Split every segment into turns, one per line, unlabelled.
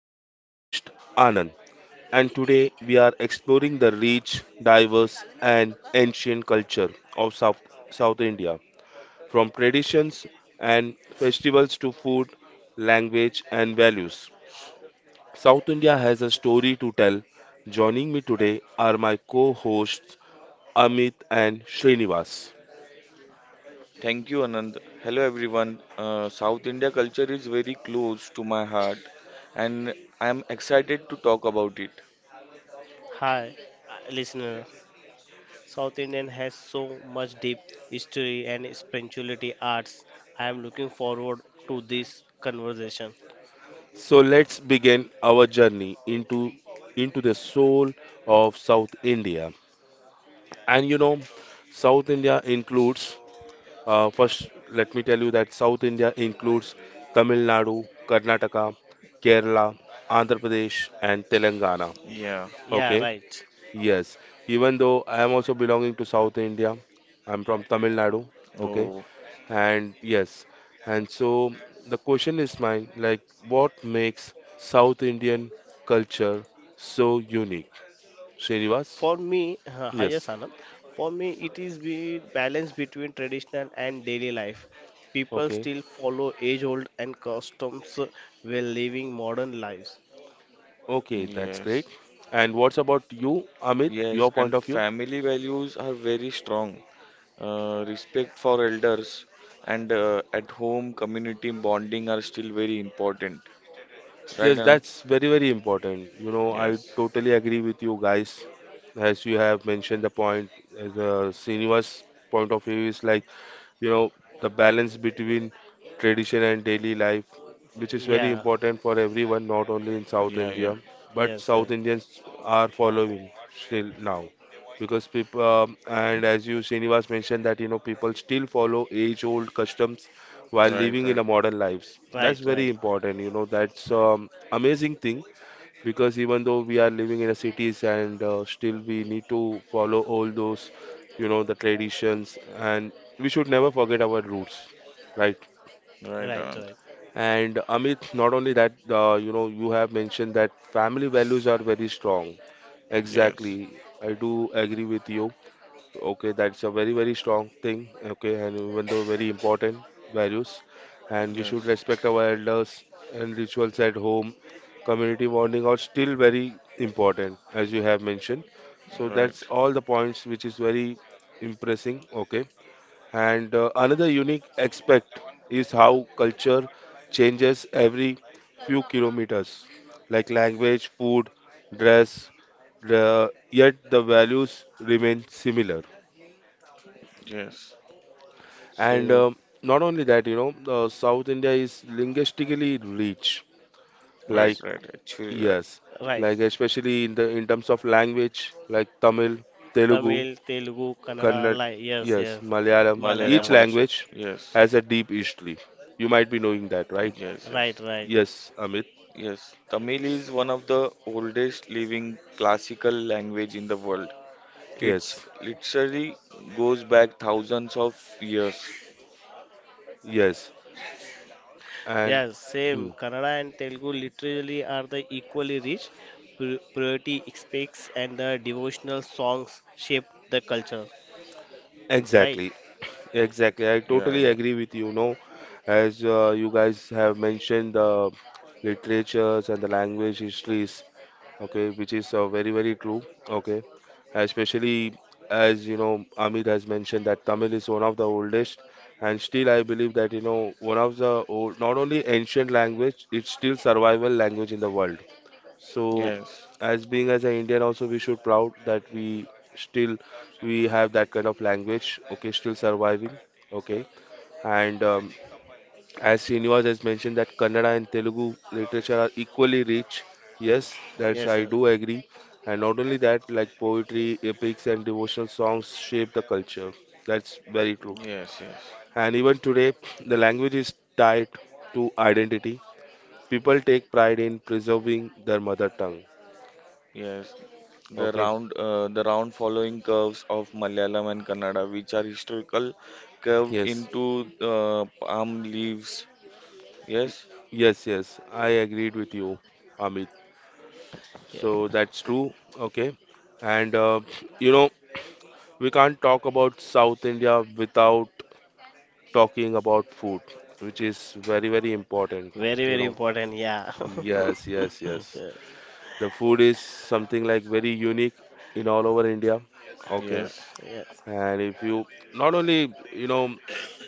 I am your host Anand, and today we are exploring the rich, diverse, and ancient culture of South India. From traditions and festivals to food, language, and values, South India has a story to tell. Joining me today are my co hosts Amit and Srinivas.
Thank you, Anand. Hello, everyone. South India culture is very close to my heart, and I am excited to talk about it.
Hi, listener. South Indian has so much deep history and spirituality arts. I am looking forward to this conversation.
So let's begin our journey into the soul of South India. And South India includes, first, let me tell you that South India includes Tamil Nadu, Karnataka, Kerala, Andhra Pradesh, and Telangana.
Yeah.
Yeah,
Okay,
right.
yes. Even though I am also belonging to South India, I'm from Tamil Nadu. Okay,
Oh,
and yes. And so the question is mine, like, what makes South Indian culture so unique? Srinivas?
For me, hi, yes,
Yes.
Anand. For me, it is the balance between traditional and daily life. People
Okay.
still follow age-old and customs while living modern lives.
Okay, that's great.
yes.
And what's about you, Amit?
Yes,
Your point
and
of view?
family values are very strong. Respect for elders and at home community bonding are still very important. Right,
Yes,
Anand?
that's very, very important. You know, I
Yes.
totally agree with you guys. As you have mentioned the point, as a senior's point of view is like you know the balance between tradition and daily life, which is very
Yeah.
important for everyone, not only in South
Yeah,
India,
yeah.
but
Yes.
South
Yes.
Indians are following still now because people, and as you, Srinivas, mentioned that people still follow age old customs while
Right,
living in
right.
a modern lives.
Right.
That's very
Right.
important. That's amazing thing because even though we are living in the cities and still we need to follow all those, the traditions, and we should never forget our roots, right?
Right, Anand.
And Amit, not only that, you know, you have mentioned that family values are very strong.
Yes.
Exactly, I do agree with you. Okay, that's a very, very strong thing. Okay, and even though very important values, and we should
Yes.
respect our elders and rituals at home. Community bonding are still very important, as you have mentioned. So that's
Right.
all the points, which is very impressing. Okay, and another unique aspect is how culture changes every few kilometers, like language, food, dress. The, yet the values remain similar.
Yes.
And
So,
not only that, South India is linguistically rich.
right,
Yes,
Like,
right. Actually, right.
yes,
right.
like especially in terms of language, like Tamil, Telugu,
Tamil, Telugu, Kannada,
Kannada,
like yes,
yes,
yes.
Malayalam. Each
Malayalam.
Malayalam also.
language
Yes,
has a deep history. You might be knowing that, right?
yes,
Right,
yes,
right.
Yes, Amit.
yes. Tamil is one of the oldest living classical language in the world. It's
Yes,
literally goes back thousands of years.
yes, and
Yes, same.
mm,
Kannada and Telugu literally are the equally rich poetry aspects and the devotional songs shape the culture. Right.
exactly, exactly. I
Yeah,
totally
yeah.
agree with you. No, as you guys have mentioned, the literatures and the language histories, okay, which is very, very true, okay. Especially as you know, Amit has mentioned that Tamil is one of the oldest, and still I believe that you know one of the old, not only ancient language, it's still survival language in the world. So,
Right.
Yes,
as being as an Indian, also we should proud that we still we have that kind of language. Okay, still surviving. Okay, and as Srinivas has mentioned that Kannada and Telugu literature are equally rich. Yes, that's
Yes,
I
sir.
do agree. And not only that, like poetry, epics, and devotional songs shape the culture. That's very true.
yes, yes,
And even today, the language is tied to identity. People take pride in preserving their mother tongue.
yes. The
Okay.
round, uh, the round following curves of Malayalam and Kannada, which are historical, curved
Yes.
into palm leaves.
Y-
Yes,
Yes, yes. I agreed with you, Amit. So that's true. Okay. And you know, we can't talk about South India without talking about food, which is very, very important.
Very,
You
very
know,
important, yeah.
yes,
mm,
yes, yes. The food is something like very unique in all over India. Okay.
Uh,
yes.
yes.
And if you not only,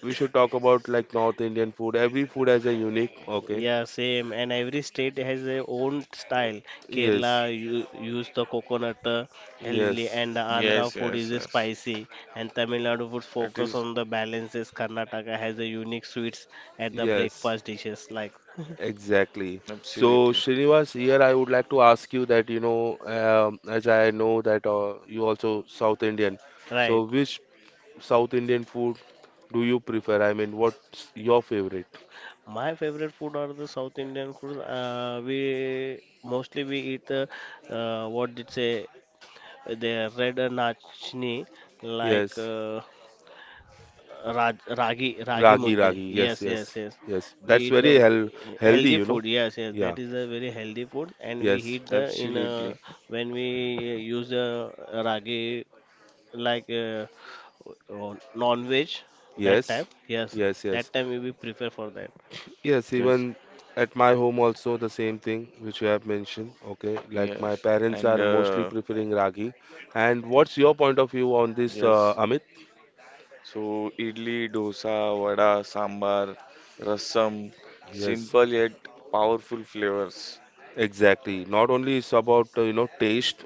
we should talk about like North Indian food, every food has a unique, okay.
Yeah, same. And every state has their own style. Kerala
Yes,
use the coconut heavily,
yes,
and the Andhra
Yes,
food is
yes, yes.
spicy, and Tamil Nadu food
That
focus
is
on the balances. Karnataka has a unique sweets at the
yes.
breakfast dishes, like
Exactly. So,
absolutely,
Srinivas, here I would like to ask you that, as I know that you also South Indian. So,
right.
which South Indian food do you prefer? I mean, what's your favorite?
My favorite food are the South Indian food. We mostly we eat the what did say the red nachni like
Yes,
ragi
ragi,
mudde.
ragi.
Yes,
Yes, yes,
yes, yes.
yes.
We
That's
eat the
very healthy,
healthy
you know.
food. Yes, yes.
Yeah.
That is a very healthy food, and we
Yes.
eat the in
absolutely.
when we use the ragi like non-veg that time.
Yes.
Yes,
Yes. Yes.
that time we will prefer for that.
Yes,
Yes,
even at my home also the same thing which you have mentioned. Okay, like my
yes.
parents
And
are mostly preferring ragi. And what's your point of view on this,
yes.
Amit?
So idli, dosa, vada, sambar, rasam,
Yes,
simple yet powerful flavors.
exactly. Not only it's about you know taste,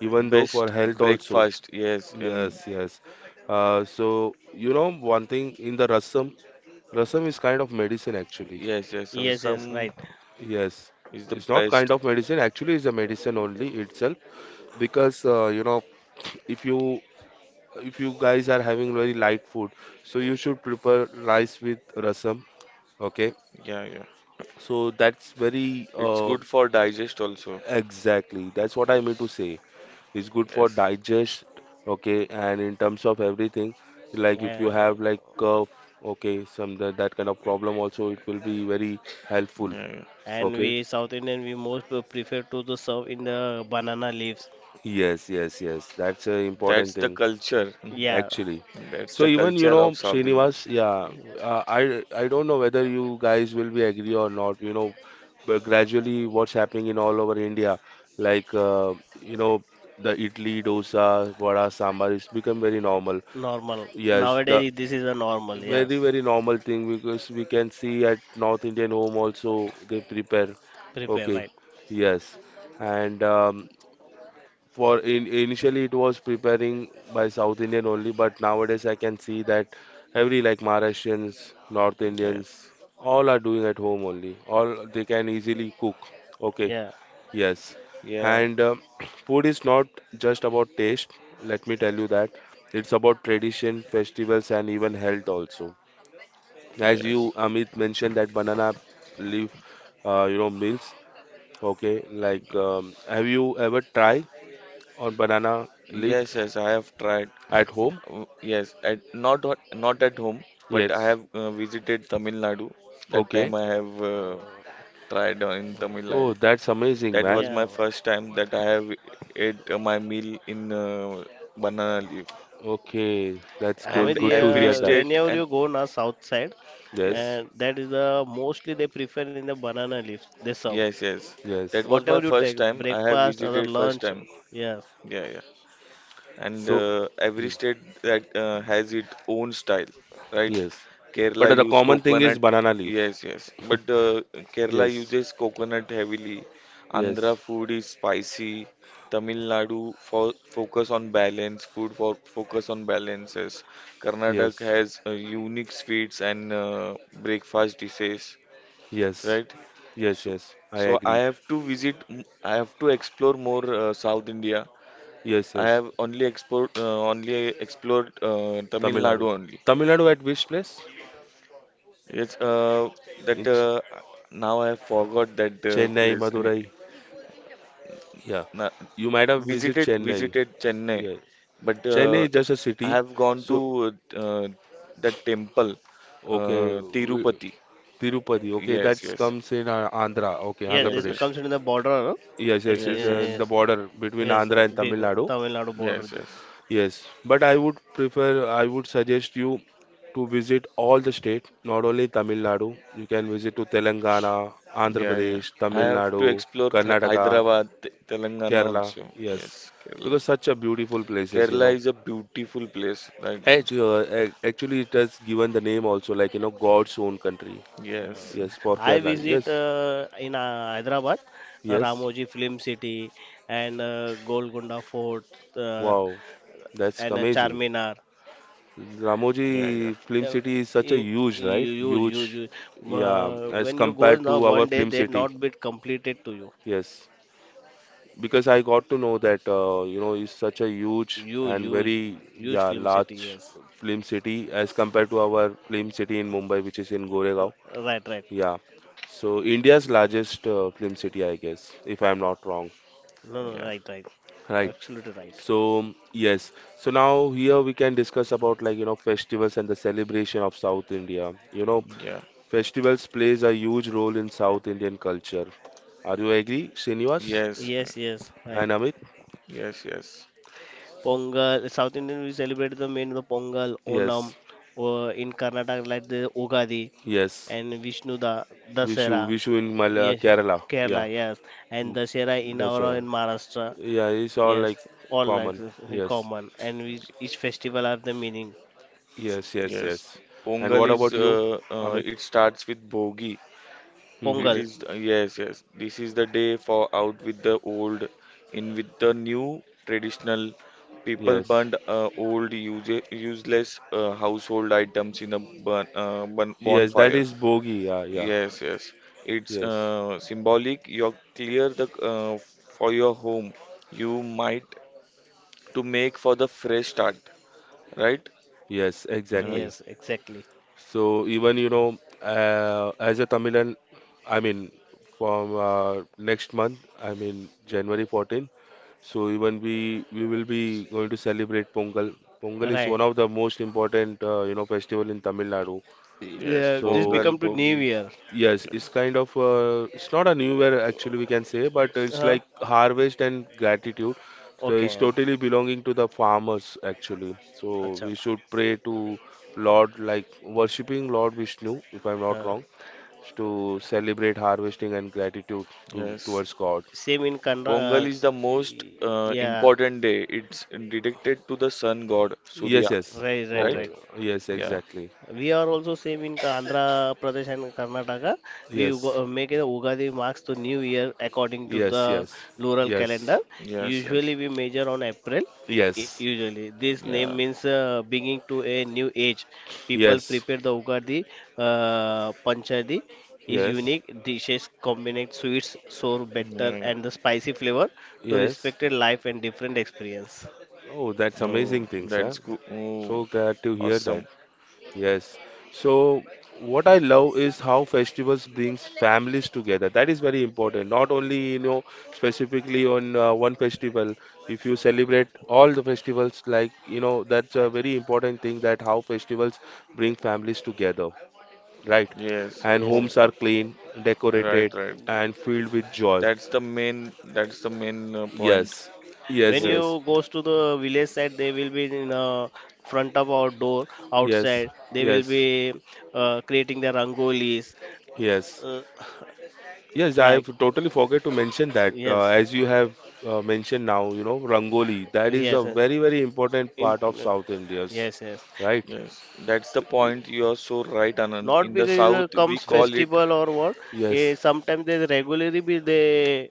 even though for
Best
health also.
breakfast. Yes, and
Yes, yes. So you know one thing in the rasam, rasam is kind of medicine actually.
yes, yes.
Yes, yes,
Rasam
right.
Yes,
is the
it's not kind
best.
of medicine. Actually, it's a medicine only itself because you know if you if you guys are having very light food, so you should prepare rice with rasam. Okay,
Yeah, yeah.
so that's very
It's good for digest also.
exactly, that's what I mean to
Yes,
say. It's good for
yes.
digest. Okay, and in terms of everything, like if you
Uh,
have like cough, okay, some that kind of problem also, it will be very helpful.
Yeah, yeah.
and
Okay,
we South Indian we prefer to the serve in the banana leaves.
yes, yes, yes, that's a
That's
important
the
thing.
culture.
Yeah,
Actually,
That's
so
the
actually
even you
culture
know
of South India.
Srinivas, yeah, I don't know whether you guys will be agree or not. You know, but gradually what's happening in all over India, like you know the idli, dosa, vada, sambar, it's become very normal.
normal.
Yes, the
Nowadays this is a normal. Yeah,
very very normal thing because we can see at North Indian home also they prepare.
prepare
Okay,
right.
yes, and for initially it was preparing by South Indian only, but nowadays I can see that every like Maharashtrians, North Indians,
Yes.
all are doing at home only. All they can easily cook. Okay,
Yeah.
yes.
Yeah.
And food is not just about taste. Let me tell you that it's about tradition, festivals, and even health also. As
Yes.
you Amit mentioned that banana leaf, you know, meals. Okay, like
Ye-
have you ever tried on banana leaf?
yes, yes, I have tried.
At home?
Yes, at not at home, but I
Yes.
have visited Tamil Nadu. That time
Okay.
I have
Uh,
tried in
yeah.
Tamil
Oh,
Nadu.
that's amazing,
That was
man.
my
Yeah.
first time that I have ate my meal in banana leaf.
Okay, that's
Yeah,
good.
Hamid,
And
Good to
every
hear
yeah,
that.
state
whenever
and
you go now south side,
Yes.
yes,
and that is the mostly they prefer in the banana leaves. They serve
yes, yes. That
Yes.
was my
whatever you
first
take,
time. I have
breakfast or
visited
the
first
lunch.
time.
Yeah,
Yeah, yeah. And
So,
every
mm,
state that has its own style, right.
yes.
Kerala
But the
use
common thing is
coconut,
banana leaf.
yes, yes, but Kerala
Yes.
uses coconut heavily. Andhra
Yes.
food is spicy. Tamil Nadu fo focus on balance food for focus on balances. Karnataka
Yes.
has unique sweets and breakfast dishes,
Yes.
right.
Yes.
So
Yes. I agree.
I have to explore more South India.
Yes.
I
Yes.
have only explored Tamil
Tamil
Nadu
Nadu.
only.
Tamil Nadu at which place?
It's
In
that
Ch-
now I forgot that
Chennai,
place.
Madurai. Yeah.
Na-
You might have visited
visited
Chennai.
visited Chennai,
Yeah.
but
Chennai is just a
I
city.
have gone to
So,
that temple,
okay.
Tirupati.
Tirupati. Okay, that
Yes, yes,
comes in Andhra. Okay,
yeah,
Andhra
yes,
Pradesh.
yes,
comes in the border, no?
Yes, yes, it's
Actually,
yes, yes,
the
yes,
border between
yes,
Andhra and Tamil
between
Nadu.
Tamil Nadu
yes,
border.
yes.
Yes, but I would prefer, I would suggest you to visit all the state, not only Tamil Nadu. You can visit to Telangana, Andhra
Yeah, yeah.
Pradesh,
I
Tamil
have to
Nadu,
explore Th
Karnataka,
Hyderabad, Telangana
Kerala.
also.
Yes,
Yes, Kerala.
because such a beautiful places, you
Kerala
know.
is a beautiful place. Like,
Actually, actually, it has given the name also, like you know, God's own country.
Yeah.
yes,
Yes, for
I
Kerala.
visit
Yes,
in Hyderabad,
yes.
Ramoji Film City and Golconda Fort. Uh,
Wow, that's
and a
amazing.
Charminar.
yeah, yeah,
Ramoji Film
Uh,
City is such a
y-
huge, right?
You use, use,
Huge,
use.
yeah, as
When you go
compared
now,
to
one
our
day
Film
they
City.
not be completed to you.
Yes, because I got to know that you know it's such a huge
Use,
and
use,
very
use
yeah
Film City.
large
Yes,
Film City as compared to our Film City in Mumbai, which is in
uh,
Goregaon.
right, right.
Yeah, so India's largest Film City, I guess, if I'm not wrong.
No, no,
yeah,
right, right.
Right.
Absolutely right.
So yes, so now here we can discuss about like festivals and the celebration of South India.
yeah,
Festivals plays a huge role in South Indian culture. Are you agree, Srinivas
yes,
Yes, yes, right.
and Amit?
yes, yes,
Pongal, South Indian we celebrate the main the Pongal, Onam,
Yes,
or in Karnataka like the Ugadi
yes.
and Vishnu da
Vishu,
Dasera.
Vishu in Mala,
Yes,
Kerala. Yeah,
Kerala, yes, and
Mm,
Dasera in our in
Dussehra.
Maharashtra.
Yeah, it's all
Yes,
like
all likes
common.
is very
Yes,
common, and each festival have the meaning.
yes, yes,
yes.
yes. And
Pongal
what
is,
about you, Amit?
it starts with Bogi.
Mm-hmm.
It
Pongal.
is, yes, yes. This is the day for out with the old, in with the new traditional. People
Yes,
burned old, useless household items in a burn, bun
yes. That
bonfire.
is Bogi. Yeah, yeah.
Yes, yes. It's
Yes,
symbolic. You clear the for your home. You might to make for the fresh start, right?
yes.
Anand?
Exactly.
Yes, exactly.
So even as a Tamilan, I mean, from next month, I mean January 14th. So even we will be going to celebrate Pongal. Pongal is
Right.
one of the most important you know festival in Tamil Nadu.
Yes,
Yeah,
So
this
Pongal,
become to New
Bogi.
Year.
yes,
Yes,
it's kind of it's not a new year actually we can say, but it's
Huh?
like harvest and gratitude. So it's
Okay.
totally belonging to the farmers actually. So
Acha.
we should pray to Lord like worshipping Lord Vishnu, if I'm not
Huh.
wrong, to celebrate harvesting and gratitude to
yes.
S-
towards God.
Same in Kanra.
Pongal is the most
Y- yeah.
important day. It's dedicated to the sun god
Yes,
Surya,
yes,
Right, right,
right?
Pongal.
right.
Yes,
Yeah.
exactly.
We are also same in Andhra Pradesh and Karnataka. We
Yes,
go, make the Ugadi marks to New Year according to
yes,
the
yes,
lunar calendar.
yes,
Yes,
Usually
yes.
we measure on April.
yes,
Usually this name
Yeah.
means beginning to a new age. People
yes,
prepare the Ugadi Panchadi is
yes,
unique dishes combinate sweets, sour,
Yeah.
bitter,
Yeah.
and the spicy flavor to
yes.
respected life and different experience.
Oh, that's
No,
amazing things, yeah.
that's cool. Oh,
So glad to hear that.
awesome.
Yes. So what I love is how festivals brings families together. That is very important. Not only, specifically on one festival. If you celebrate all the festivals, like, that's a very important thing that how festivals bring families together, right?
Yes.
And
Yes,
Home.
sir.
homes are clean,
Right,
decorated,
right.
and filled with joy.
That's the main. That's the main point.
Yes.
When
Yes,
Yeah.
yes.
you goes to the village side, they will be in front of our door
Yes.
outside. They will
Yes.
be creating their rangolis,
Yes.
uh,
Yes, I've
like
totally forget to mention that
yes,
as you have mentioned now, you know, Rangoli, that is
yes,
a
yes.
very, very important part of
Imp-
South India's,
Yes, yes.
right?
Yes. That's the
Y-
point. You are so right, Anand.
Not
In the
because
south, we
comes
call
Yes,
it.
festival or what. Eh,
yes,
sometimes they regularly be the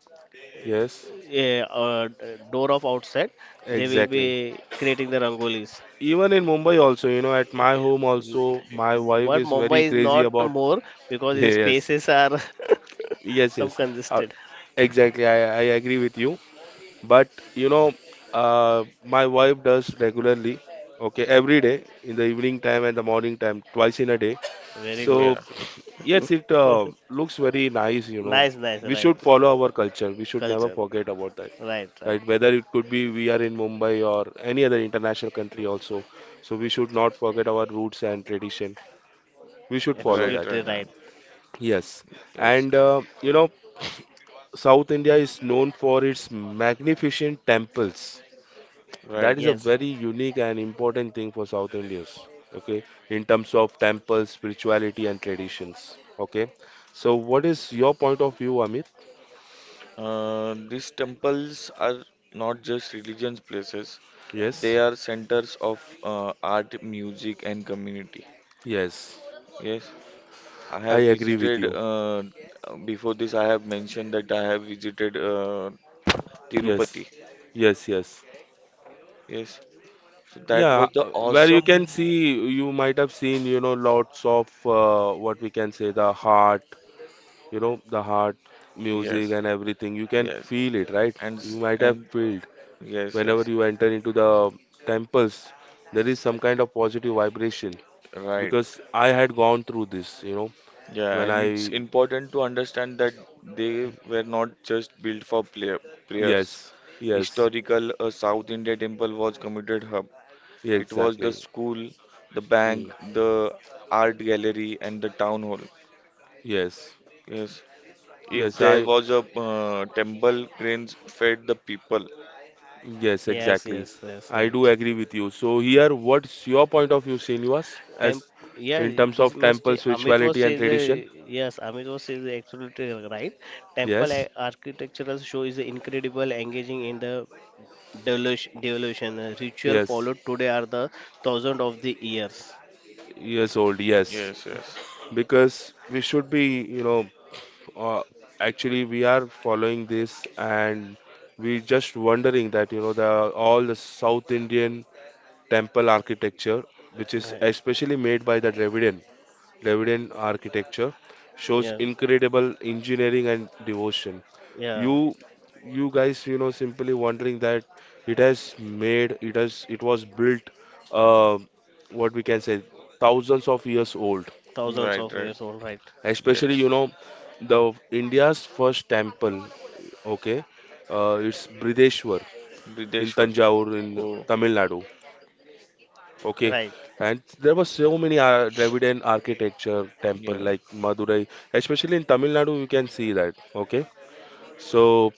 yes,
uh, uh, door of outside. They will be
exactly.
creating the rangolis.
Even in Mumbai also, you know, at my home also, my wife
But
is
Mumbai
very
is
crazy
not
about,
more because its
yes,
spaces are
yes,
some
yes, uh,
congested.
exactly, I agree with you. But, you know, my wife does regularly, okay, every day in the evening time and the morning time, twice in a day.
Very good.
So
Yeah.
yes, it looks very nice, you know.
Nice, nice,
We
right.
should follow our culture. We should never
Culture.
forget about that,
Right, right.
right? Whether it could be we are in Mumbai or any other international country also. So we should not forget our roots and tradition. We should
Right.
follow
Right.
that.
Absolutely
Anand.
right.
Yes.
Yes.
And uh, you know, South India is known for its magnificent temples. That
Right.
is a
Yes,
very unique and important thing for South Indians, okay, in terms of temples, spirituality, and traditions, okay. So, what is your point of view, Amit?
These temples are not just religious places. They
Yes,
are centers of art, music, and community.
yes,
Yes. I have
I agree with
visited.
you.
Before this, I have mentioned that I have visited
Yes,
Tirupati.
yes, yes.
Yes. So that
Yeah,
was the
where you can
awesome.
see, you might have seen, you know, lots of what we can say the heart
Yes,
music and everything. You can
yes,
feel it, right? You might have
and
felt
yes,
whenever
yes,
you enter into the temples. There is some kind of positive vibration,
right.
because I had gone through this you know
Yeah,
when
and
I
it's important to understand that they were not just built for prayers.
Yes, yes,
Historical, a South India temple was committed hub. It was the
exactly.
school, the
Hmm.
bank, the art gallery, and the town hall.
Yes,
Yes, if
yes,
there
I,
was a temple, grains fed the people.
yes,
yes,
exactly.
yes, yes,
I do
right.
agree with you. So here, what's your point of view, Srinivas,
Temp
as
yeah,
in terms
this
of
must
temple
say
spirituality and tradition?
Amit was say the absolutely right. Temple
Yes,
architectural show is incredible, engaging in the devolution ritual
yes,
followed today are the thousands of the years.
yes, old, yes.
Yes, yes,
Because we should be, you know Uh, actually, we are following this, and we just wondering that, you know, the all the South Indian temple architecture, which is
Right.
especially made by the Dravidian architecture, shows
Yeah,
incredible engineering and devotion. You
yeah,
you guys, you know, simply wondering that it has made it has it was built, uh, what we can say, thousands of years old,
thousands
right,
of
right,
years old. Right,
especially,
yes.
you know, the India's first temple. Okay, it's Brideshwar in
Brideshwar.
Tanjore in
Oh,
Tamil Nadu. Okay,
right,
and there were Dravidian architecture temple
yeah,
like Madurai, especially in Tamil Nadu. You can see that. Okay, so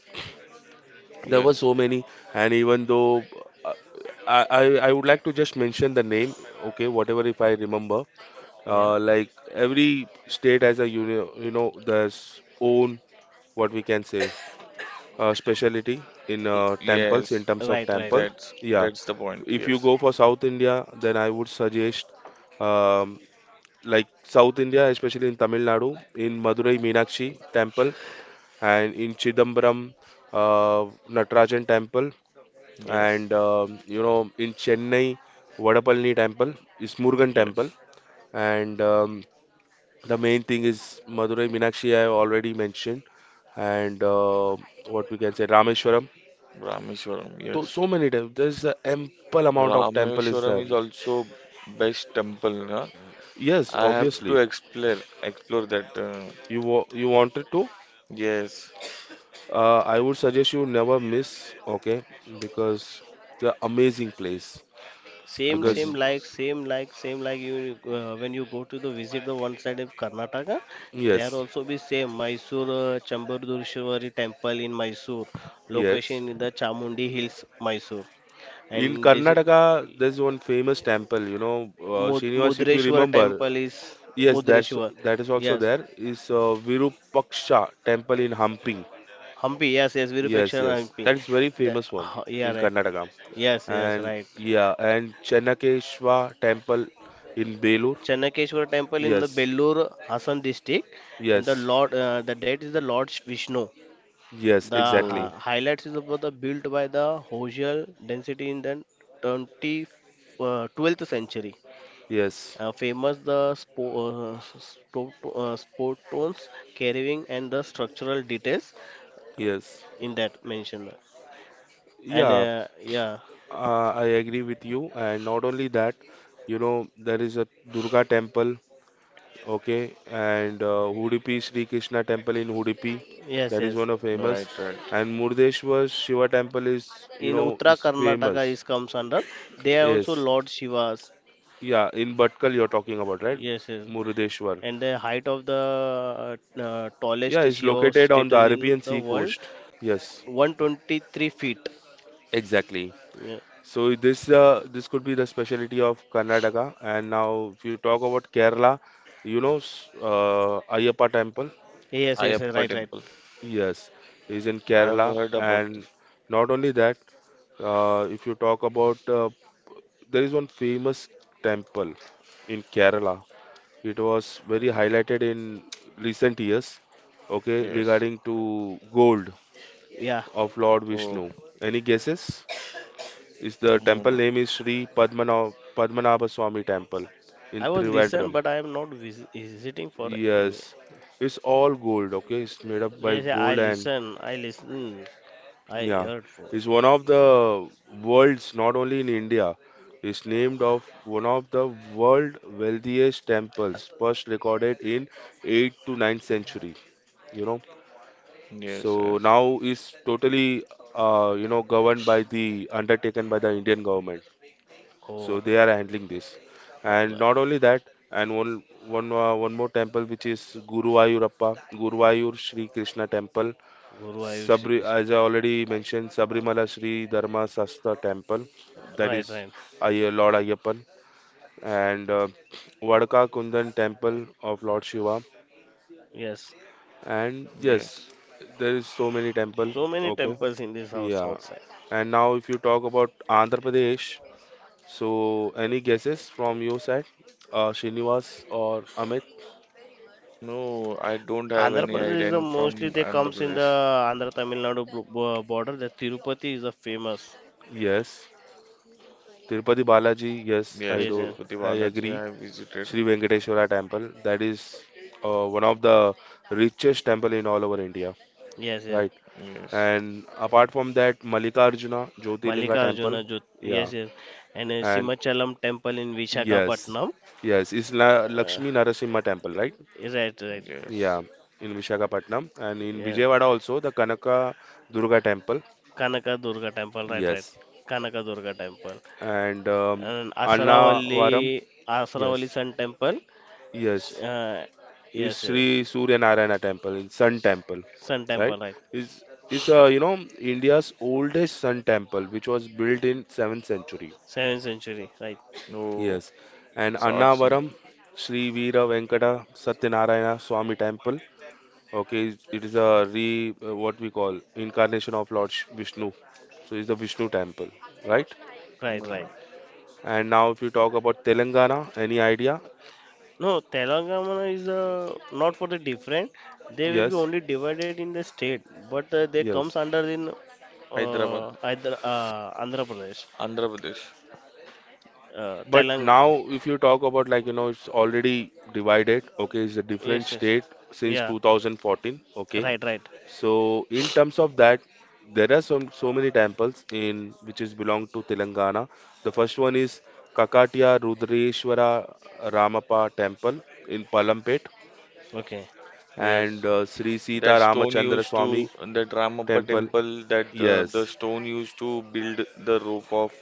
there were
yes,
so many, and even though, uh, I, I I would like to just mention the name, okay, whatever if I remember.
yeah,
Like every state has a uni you know, there's own, what we can say, specialty in
I-
temples
yes.
in terms of
right, right.
temple.
That's
Yeah,
that's the point.
if you
Yes,
go for South India, then I would suggest, um, like South India, especially in Tamil Nadu, in Madurai Meenakshi temple, and in Chidambaram, uh, Natarajan temple,
yes,
and you know, in Chennai, Vadapalani temple is Murugan temple,
yes.
and the main thing is Madurai Meenakshi I already mentioned, and what we can say, Rameshwaram.
Rameshwaram.
Though
Yes,
so many temples, there's an ample amount of temple is
Rameshwaram is
there.
also best temple. Huh?
Yes,
I have to
obviously.
explore explore that.
You wanted to?
Yes,
I would suggest you never miss. Okay, because the amazing place. Because
amazing place.
Same like you when you go to the visit the one side of Karnataka, there
yes,
also be same Mysore Chambardurishwari temple in Mysore,
yes.
location in the Chamundi Hills, Mysore,
In
and this is-
Karnataka, there's one famous temple. You know, Srinivas, if you
Mudreshwar
remember.
temple is
Yes, that's
Mudreshwar,
that is also
yes,
there. Is Virupaksha temple in Hampi.
Hampi, yes, yes, Virupaksha
Yes, yes.
Hampi,
That is very famous one
yeah,
in
right,
Karnataka.
yes, yes,
And
right.
yeah, and Channakeshwa temple in Belur.
Channakeshwar temple in the
Yes,
Bellur, Hassan district, and the
yes,
Lord, the date is the Lord Vishnu.
yes,
Oh,
exactly.
Highlights is about the built by the Hosier density in the 20, 12th century.
Yes,
Famous the sport tones, carrying and the structural details
yes.
in that mentioned. And
Yeah,
yeah,
I agree with you. And not only that, you know, there is a Durga temple, okay, and Udupi Sri Krishna temple in Udupi.
yes,
That is
yes.
one of famous.
right, right.
And Murdeshwar Shiva temple is, you
In
know,
Uttara
is
Karnataka
famous.
is comes under. They are also
Yes.
Lord Shivas.
Yeah, in Bhatkal you're talking about, right?
Yes, yes.
Murdeshwar.
And the height of the
Yeah,
tallest
it's
Shiva
located on the
status in
Arabian
the
Sea
world,
coast. Yes,
123 feet.
exactly.
Yeah.
So this could be the specialty of Karnataka. And now, if you talk about Kerala, Ayyappa Temple.
Yes, yes, yes,
Ayappa
right, right.
temple.
Yes, is in
I have
Kerala.
heard about this.
And not only that, if you talk about there is one famous temple in Kerala. It was very highlighted in recent years. Okay,
Yes.
regarding to gold
Yeah,
of Lord
Oh,
Vishnu. Any guesses? Is the temple
mm,
name is Padmanabha Swami Temple in
I was listen,
Trivandrum.
but I am not visiting for any.
Yes, it's all gold. Okay, it's made up by
Yes, yeah, I
gold, and
listen, I listen, I
yeah,
heard for.
it's one of the world's, not only in India. It's named of one of the world wealthiest temples, first recorded in 8th to ninth century. You know,
yes,
so
yes,
now it's totally, governed by the undertaken by the Indian government.
Oh,
So they are handling this.
right,
And
right.
not only that, and one more temple which is Guruvayur Shri Krishna Temple,
Guru Ayush Sri
Sabri,
Krishna.
as I already mentioned, Sabrimala Shri Dharma Sastha Temple, that
Right,
is
right.
Lord Ayyappan, and Vadaka Kundan Temple of Lord Shiva.
Yes,
And yes,
yes.
there is so many temple.
so many
Okay,
temples in this our
yeah.
south side.
And now if you talk about Andhra Pradesh. So, any guesses from your side? Srinivas or Amit?
No, I don't have
Andhra
any
Pradesh
idea.
is the
I'm
mostly
from
they
Andhra
comes in the
Pradesh.
Andhra Tamil Nadu border. The Tirupati is the famous.
Yes. Tirupati Balaji? Yes,
Yes,
I
Yes,
do.
yes,
Tirupati
I
Balaji
agree.
I have visited.
Sri Venkateswara Temple. That is one of the richest temple in all over India,
yes, yes.
right?
Yes,
And apart from that, Mallikarjuna Jyotirlinga
Mallikarjuna,
Temple. Yeah.
Yes, yes, and
And
Simachalam temple in
yes,
Visakhapatnam.
yes, it's La Lakshmi Narasimha Temple, right?
Right, right.
yes.
Yeah, in Visakhapatnam and in
Yeah.
Vijayawada also the Kanaka Durga Temple.
Kanaka Durga temple, right, right.
Yes.
Kanaka Durga temple.
And
And
Annavaram.
Asaravalli, Asaravalli
Yes,
Sun Temple. Sh-
yes,
Uh,
is
yes, yes.
Sri Surya Narayana Temple, is Sun Temple,
Sun
right?
Temple, right.
Is is you know, India's oldest Sun Temple, which was built in 7th century.
7th century, right,
No,
Yes, and
it's awesome.
Annavaram, Sri Veera Venkata Satyanarayana Swami Temple. Okay, it is a re what we call incarnation of Vishnu. So it's the Vishnu temple, right?
right,
Mm,
right.
And now if you talk about Telangana, any idea?
No, Telangana is not for the different. They will be
Yes,
only divided in the state, but they comes
yes.
under in
Hyderabad,
either Andhra Pradesh,
Andhra Pradesh.
But
Telang.
now, if you talk about like, you know, it's already divided, okay, it's a different
Yes, yes.
state since
Yeah,
2014, okay.
right, right.
So in terms of that, there are some so many temples in which is belong to Telangana. The first one is Kakatiya Rudreshwara Ramappa Temple in Palampet
Okay.
Yes,
and Sri Sita
that stone
Ramachandra
used to
Swami
that Ramappa
Temple.
temple that the
Yes.
stone used to build the rope of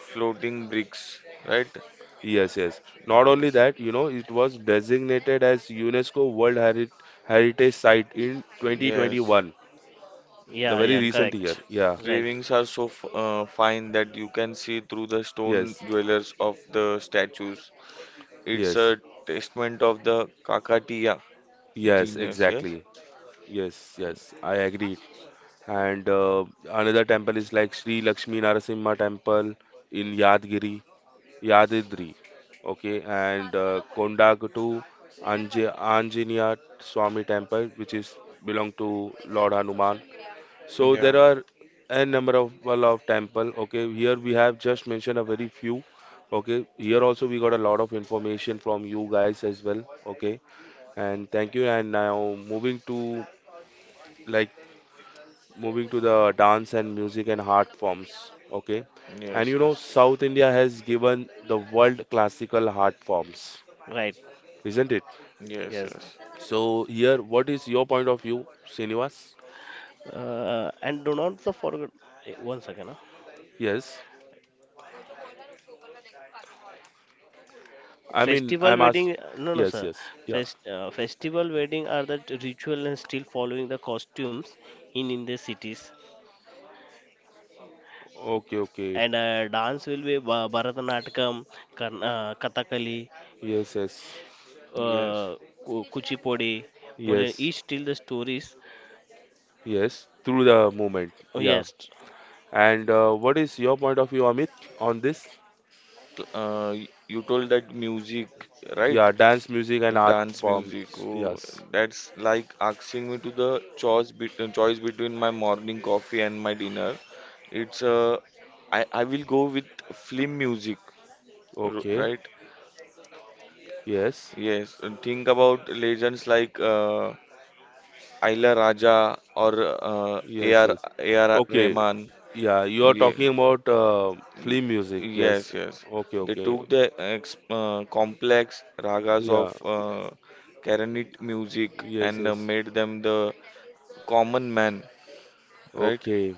floating bricks, right?
Yes, yes. Not only
Yes,
that, you know, it was designated as Heritage Site in
yes.
2021, the
Yeah,
very
yeah,
Mm,
recent year.
correct.
Yeah.
Right,
cravings are so fine that you can see through the stone
Yes.
dwellers of the statues. It's
Yes.
a testament of the Kakatiya
Yes,
genius, yes?
exactly. Yes, yes. I agree. And another temple is like Sri Lakshmi Narasimha Temple in Yadgiri, Yadadri. Okay, and Kondaguttu Anje Anjaneya Swami Temple, which is belong to Lord Hanuman. So there
Yeah,
are a number of well of temple. Okay, here we have just mentioned a very few. Okay, here also we got a lot of information from you guys as well. Okay, and thank you. And now like moving to the dance and music and art forms. Okay, and
yes,
you know,
yes,
South India has given the world classical art forms,
right.
isn't it?
yes,
Yes.
yes,
So here, what is your point of view, Srinivas?
And do not the forget. Eh, one second. Huh?
Yes, I mean
Festival
I'm asked.
wedding. No, no,
Yes,
sir.
yes, yeah.
Festival wedding are the ritual and still following the costumes in the cities.
Okay, okay.
And dance will be Bharatanatyam, Kathakali,
Yes, yes,
yes.
uh, Kuchipudi, Modern.
yes,
Each till the stories.
yes, through the movement.
Oh,
Yeah.
yes.
And what is your point of view, Amit, on this?
Cl- Uh, y- you told that music, right?
Yeah, dance, music, and art
Dance music.
forms.
Oh,
Yes.
that's like asking me to the choice between my morning coffee and my dinner. It's I will go with film music,
Okay.
right?
Yes.
Yes, and think about legends like Ayla Raja or
Yes,
A.R.
yes.
A.R.
Okay.
Rahman.
Yeah, you are
Ye-
talking about
mm,
film music. Yes.
Yes, yes.
Okay,
They
okay.
took the ex complex ragas
Yeah.
of Karanit music
Yes,
and
yes.
made them the common man, right?
Okay.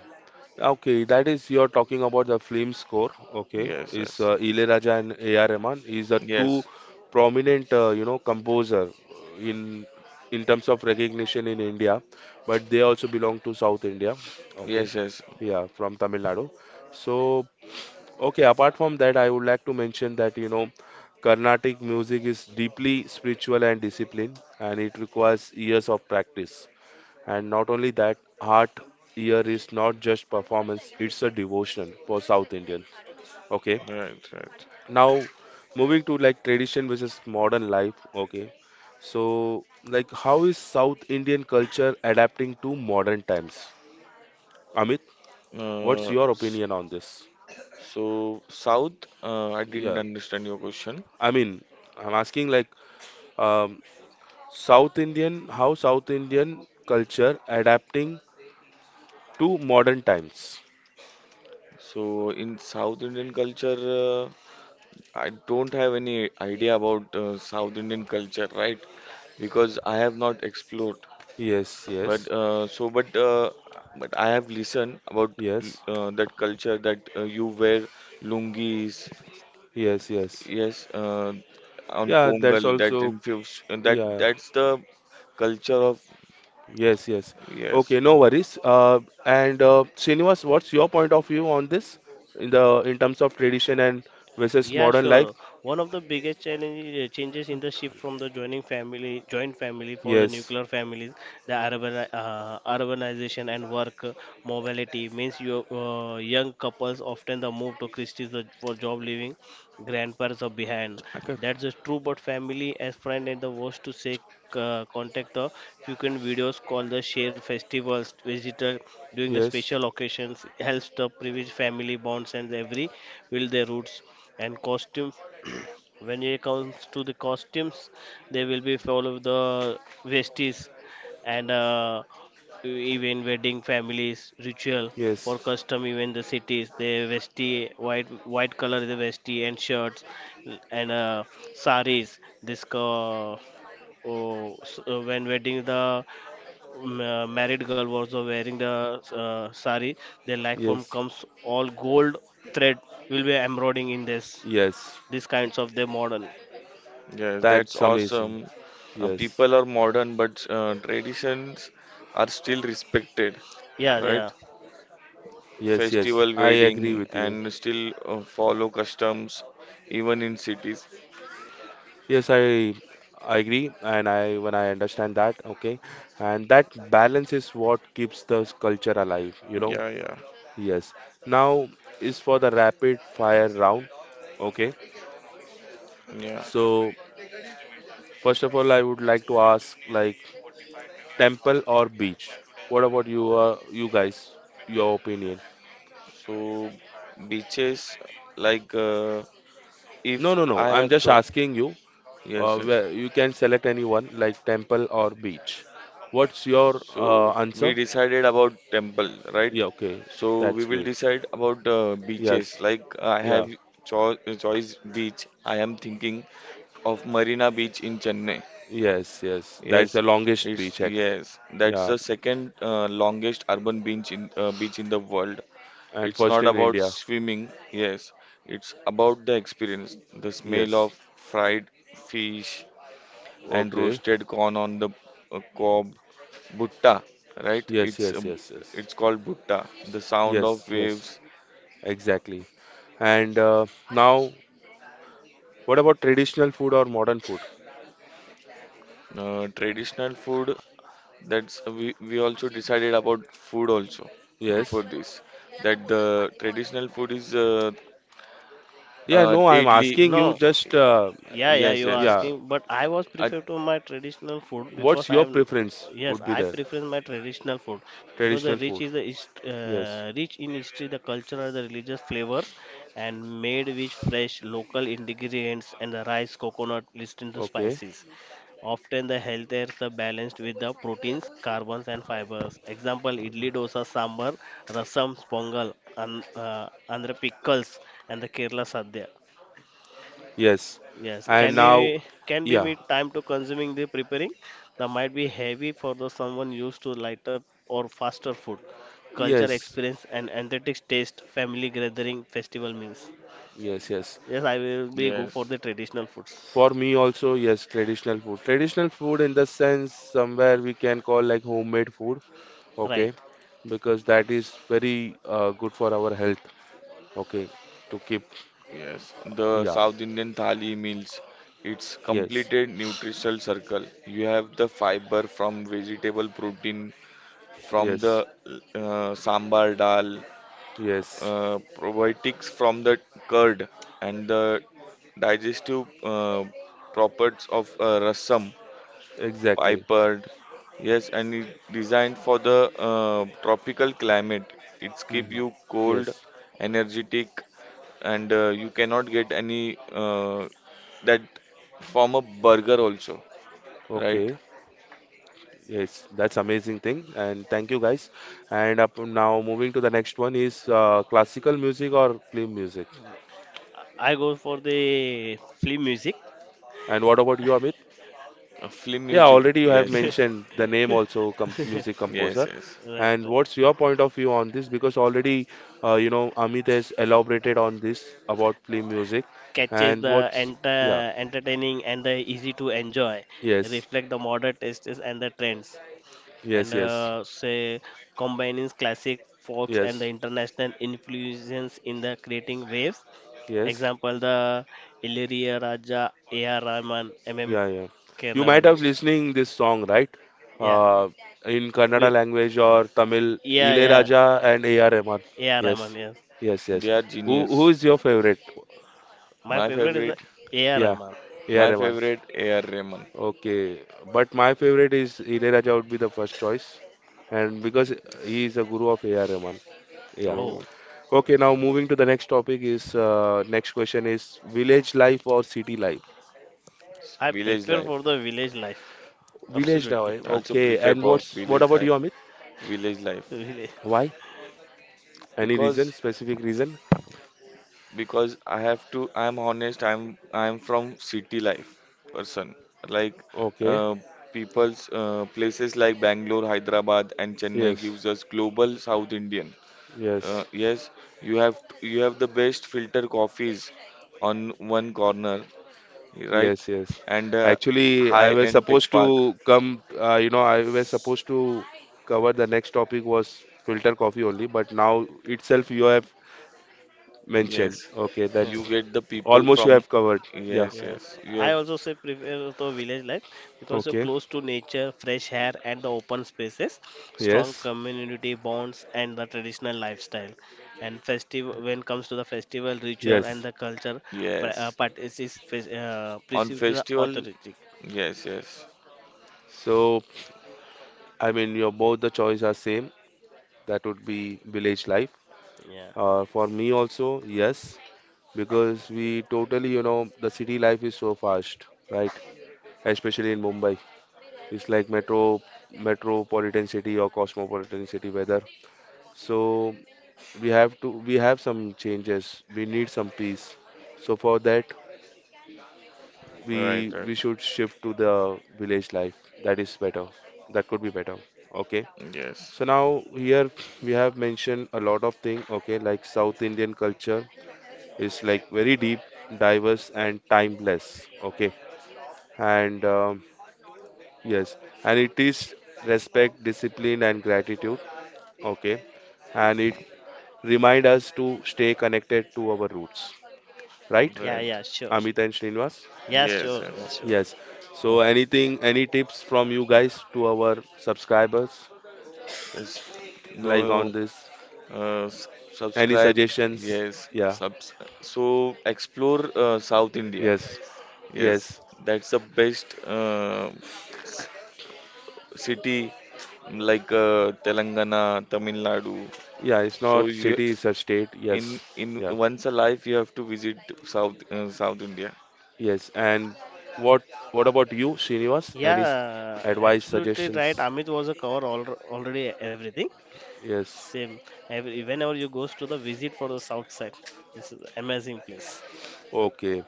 Okay, that is you're talking about the film score. Okay,
Yes,
is
yes.
Ilayaraja and A.R. Rahman is the two
Yes,
prominent you know, composer in terms of recognition in India, but they also belong to South India. Okay,
yes, yes.
yeah, from Tamil Nadu. So okay, apart from that, I would like to mention that you know, Carnatic music is deeply spiritual and disciplined, and it requires years of practice. And not only that, art here is not just performance, it's a devotion for South Indians. Okay.
Right, right.
Now moving to like tradition versus modern life. Okay. So like how is South Indian culture adapting to modern times? Amit, what's
Uh,
your
s-
opinion on this?
so, I didn't
Yeah.
understand your question.
I mean, I'm asking like, um, South Indian, how South Indian culture adapting to modern times?
So in South Indian culture, I don't have any idea about South Indian culture, right? Because I have not explored.
Yes,
But
yes,
so, but But I have listened about
yes,
that culture that you wear lungis,
yes, yes.
yes, on
Yeah, that's
Pongal. That
also,
infused. That
yeah.
that's the culture of
Yes, yes.
yes.
Okay, no worries. And Srinivas, what's your point of view on this, in terms of tradition and versus
Yeah,
modern life?
sure. One of the biggest challenge, changes in the shift from the joint family for the
Yes.
nuclear families, the urbanization and work mobility means you, young couples often the move to Christie's for job leaving grandparents are behind.
Hacker.
That's just true, but family as friend and the worst to say contact the frequent videos call the share festivals visitor during the
Yes.
special occasions helps to privilege family bonds and every will their roots and costumes. When it comes to the costumes, they will be full of the vesties and even wedding families ritual or
Yes.
custom even the cities the vesti white white color is the vesti and shirts and saris this co- oh, s- when wedding the married girl was wearing the sari their like form
Yes.
comes all gold thread will be embroidering in this
Yes.
these kinds of the model.
Yes, that's
That's amazing.
awesome.
Yes.
People are modern, but traditions are still respected,
Yeah, yeah,
right?
Yes, yes.
Festival,
I agree
wedding,
with you.
and still follow customs even in cities.
Yes, I agree, and I when I understand that, okay. And that balance is what keeps the culture alive, you know.
Yeah, yeah,
Yes. Now is for the rapid fire round. Okay.
yeah.
So first of all, I would like to ask like, temple or beach? What about you, you guys? Your opinion?
So beaches, like
No,
if
no, no.
I
I'm
have
just
choice,
asking you.
yes, yes.
Where you can select anyone like temple or beach. What's your
So
answer?
we decided about temple, right?
Yeah. Okay.
So we
That's
will
great.
decide about beaches.
Yes.
Like I
Yeah.
have cho choice beach. I am thinking of Marina Beach in Chennai.
Yes. Yes. That's
Yes,
the longest
it's
beach act.
yes. That's
Yeah.
the second longest urban beach in beach in the world.
And
It's
first
not
in
about
India.
swimming. Yes, it's about the experience, the smell
Yes.
of fried fish and
Okay.
roasted corn on the cob, butta, right?
Yes, yes, yes, yes,
It's called butta. The sound of
yes, yes,
waves,
exactly. And now, what about traditional food or modern food?
traditional food. That's we also decided about food also before
Yes.
this that the traditional food is
Yeah, no, I'm
idli.
asking
no.
you just,
Yeah, yeah,
Yes,
you are
yes,
yeah,
asking,
yes.
but I was
Uh,
prefer to my traditional food
what's
because I
your
am,
preference
yes,
would be
I
there?
prefer my traditional food because the
Traditional
rich
food.
is the hist-
Yes.
rich in history, the cultural, the religious flavors, and made with fresh local ingredients and the rice, coconut, listen to
Okay.
spices. Often the healthier are balanced with the proteins, carbons, and fibers. Example: idli, dosa, sambar, rasam, pongal, and andhra pickles, and the Kerala sadhya.
Yes.
Yes,
And
yes,
now,
can be
yeah,
meet time to consuming the preparing? That might be heavy for the someone used to light up or faster food, culture
yes,
experience and authentic taste, family gathering, festival meals.
yes, yes.
Yes, I will be go for
yes,
the traditional foods.
For me also, yes, traditional food. Traditional food in the sense somewhere we can call like homemade food,
Right.
okay, because that is very good for our health. Okay, to keep,
yes. The
yeah,
South Indian thali meals. It's
yes,
completed nutritional circle. You have the fiber from vegetable protein from the
yes,
sambar dal,
yes,
probiotics from the curd, and the digestive properties of rasam,
exactly.
pipered. Yes, and it designed for the tropical climate. It's keep
Hmm.
you cold,
Yes,
energetic, and you cannot get any that form of burger also, right?
okay, yes, that's amazing thing, and thank you guys. And up now, moving to the next one is classical music or film music.
I go for the film music.
And what about you, Amit?
Film
Yeah,
music.
already you have
Yes, yes,
mentioned the name also, com music
yes,
composer.
yes.
Right,
And
right.
what's your point of view on this? Because already, you know, Amit has elaborated on this about film music,
Catches
and
the
what's, yeah,
entertaining and the easy to enjoy.
yes,
Reflect the modern tastes and the trends. And
yes, yes.
say combining classic folks and the
Yes,
international influences in the creating waves.
yes,
Example the Illyria Raja, A.R. Rahman, M.M.
yeah, yeah. You might
Kearnavani.
have listening this song, right?
Yeah,
Uh, in Kannada
we,
language or Tamil,
yeah, yeah,
Ilaiyaraaja and A.R. Rahman.
A.R. Rahman.
Yes,
Yes,
yes, yes.
They are
Who
genius.
who is your favorite?
my
My
favorite is the
favorite,
A.R.
Yeah,
Rahman.
A.R.
my
Rahman.
favorite A.R. Rahman.
Okay, but my favorite is Ilaiyaraaja would be the first choice, and because he is a guru of A.R. Rahman. Yeah.
Oh,
Oh,
Okay, now moving to the next topic is next question is village life or city life?
I
village
prefer
life.
for the village life.
Village
Absolutely,
life.
I also
Okay,
prefer
and
for
what's what
village
about you,
life.
Amit?
Village life
village.
Why? Any reason?
because
Specific reason?
I have to. I'm honest. I'm from city life person. Like
Okay.
uh, people's places like Bangalore, Hyderabad, and Chennai
Yes.
gives us global South Indian.
Yes.
Yes, you have the best filter coffees on one corner, right?
Yes. Yes.
And
Actually, I was
high-end tech
supposed
park.
to come. You know, I was supposed to cover the next topic was filter coffee only, but now itself you have mentioned.
Yes,
Okay,
you
Yeah.
that's
get the people
almost you
from.
have covered. Yeah.
Yes,
Yes,
yes, you
I
have.
also say prefer the village life because you're
Okay.
close to nature, fresh air, and the open spaces, strong
Yes.
community bonds, and the traditional lifestyle. And festival when comes to the festival ritual and
Yes.
the culture, pa-
Yes,
part is fes-
on
perceived the
festival.
authentic.
Yes, yes,
So, I mean, your both the choice are same. That would be village life.
Yeah,
For me also, yes, because we totally, you know, the city life is so fast, right? Especially in Mumbai, it's like metro, metropolitan city or cosmopolitan city weather. So we have to, we have some changes. We need some peace. So for that,
right,
we
right.
we should shift to the village life. That is better. That could be better. Okay.
Yes,
So now here we have mentioned a lot of things. Okay, like South Indian culture is like very deep, diverse, and timeless. Okay, and yes, and it is respect, discipline, and gratitude. Okay, and it remind us to stay connected to our roots, right,
yeah,
right.
yeah, sure.
Amit and Srinivas?
Yeah,
Yes,
sure, yeah,
yes.
sure.
Yes. So
Oh.
anything, any tips from you guys to our subscribers,
Yes. No.
like on this, any
Subscribe.
suggestions?
Yes.
Yeah,
Subs. So explore South India.
yes,
Yes,
yes,
that's the best city like Telangana, Tamil Nadu.
yeah, it's
So
not
you
city, it's a state,
In
yes, yeah,
once a life, you have to visit South India.
yes. And what what about you, Srinivas?
Yeah,
Advice,
absolutely
suggestions?
right. Amit was a cover al already everything.
Yes.
Same. Every, whenever you goes to the visit for the south side, this is amazing place.
Okay,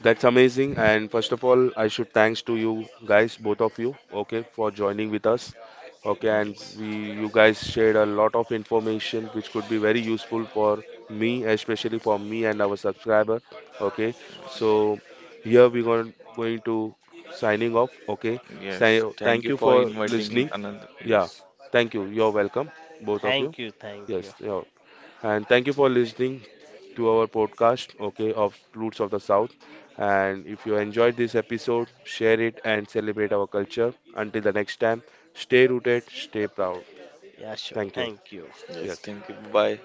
that's amazing. And first of all, I should thanks to you guys, both of you, okay, for joining with us. Okay, and
Yes,
we, you guys shared a lot of information which could be very useful for me, especially for me and our subscriber. Okay, so here we're going to signing off. Okay,
yes. Thank
Thank
you
you
for
for
inviting
listening.
Anand.
Yeah,
Yes,
thank you. You're welcome, both of
Thank
you.
you, thank you.
Yes, yeah. And thank you for listening to our podcast, okay, of Roots of the South. And if you enjoyed this episode, share it and celebrate our culture. Until the next time, stay rooted, stay proud.
Yeah, sure.
Thank you.
Thank you.
yes.
Yes.
Thank you. Bye.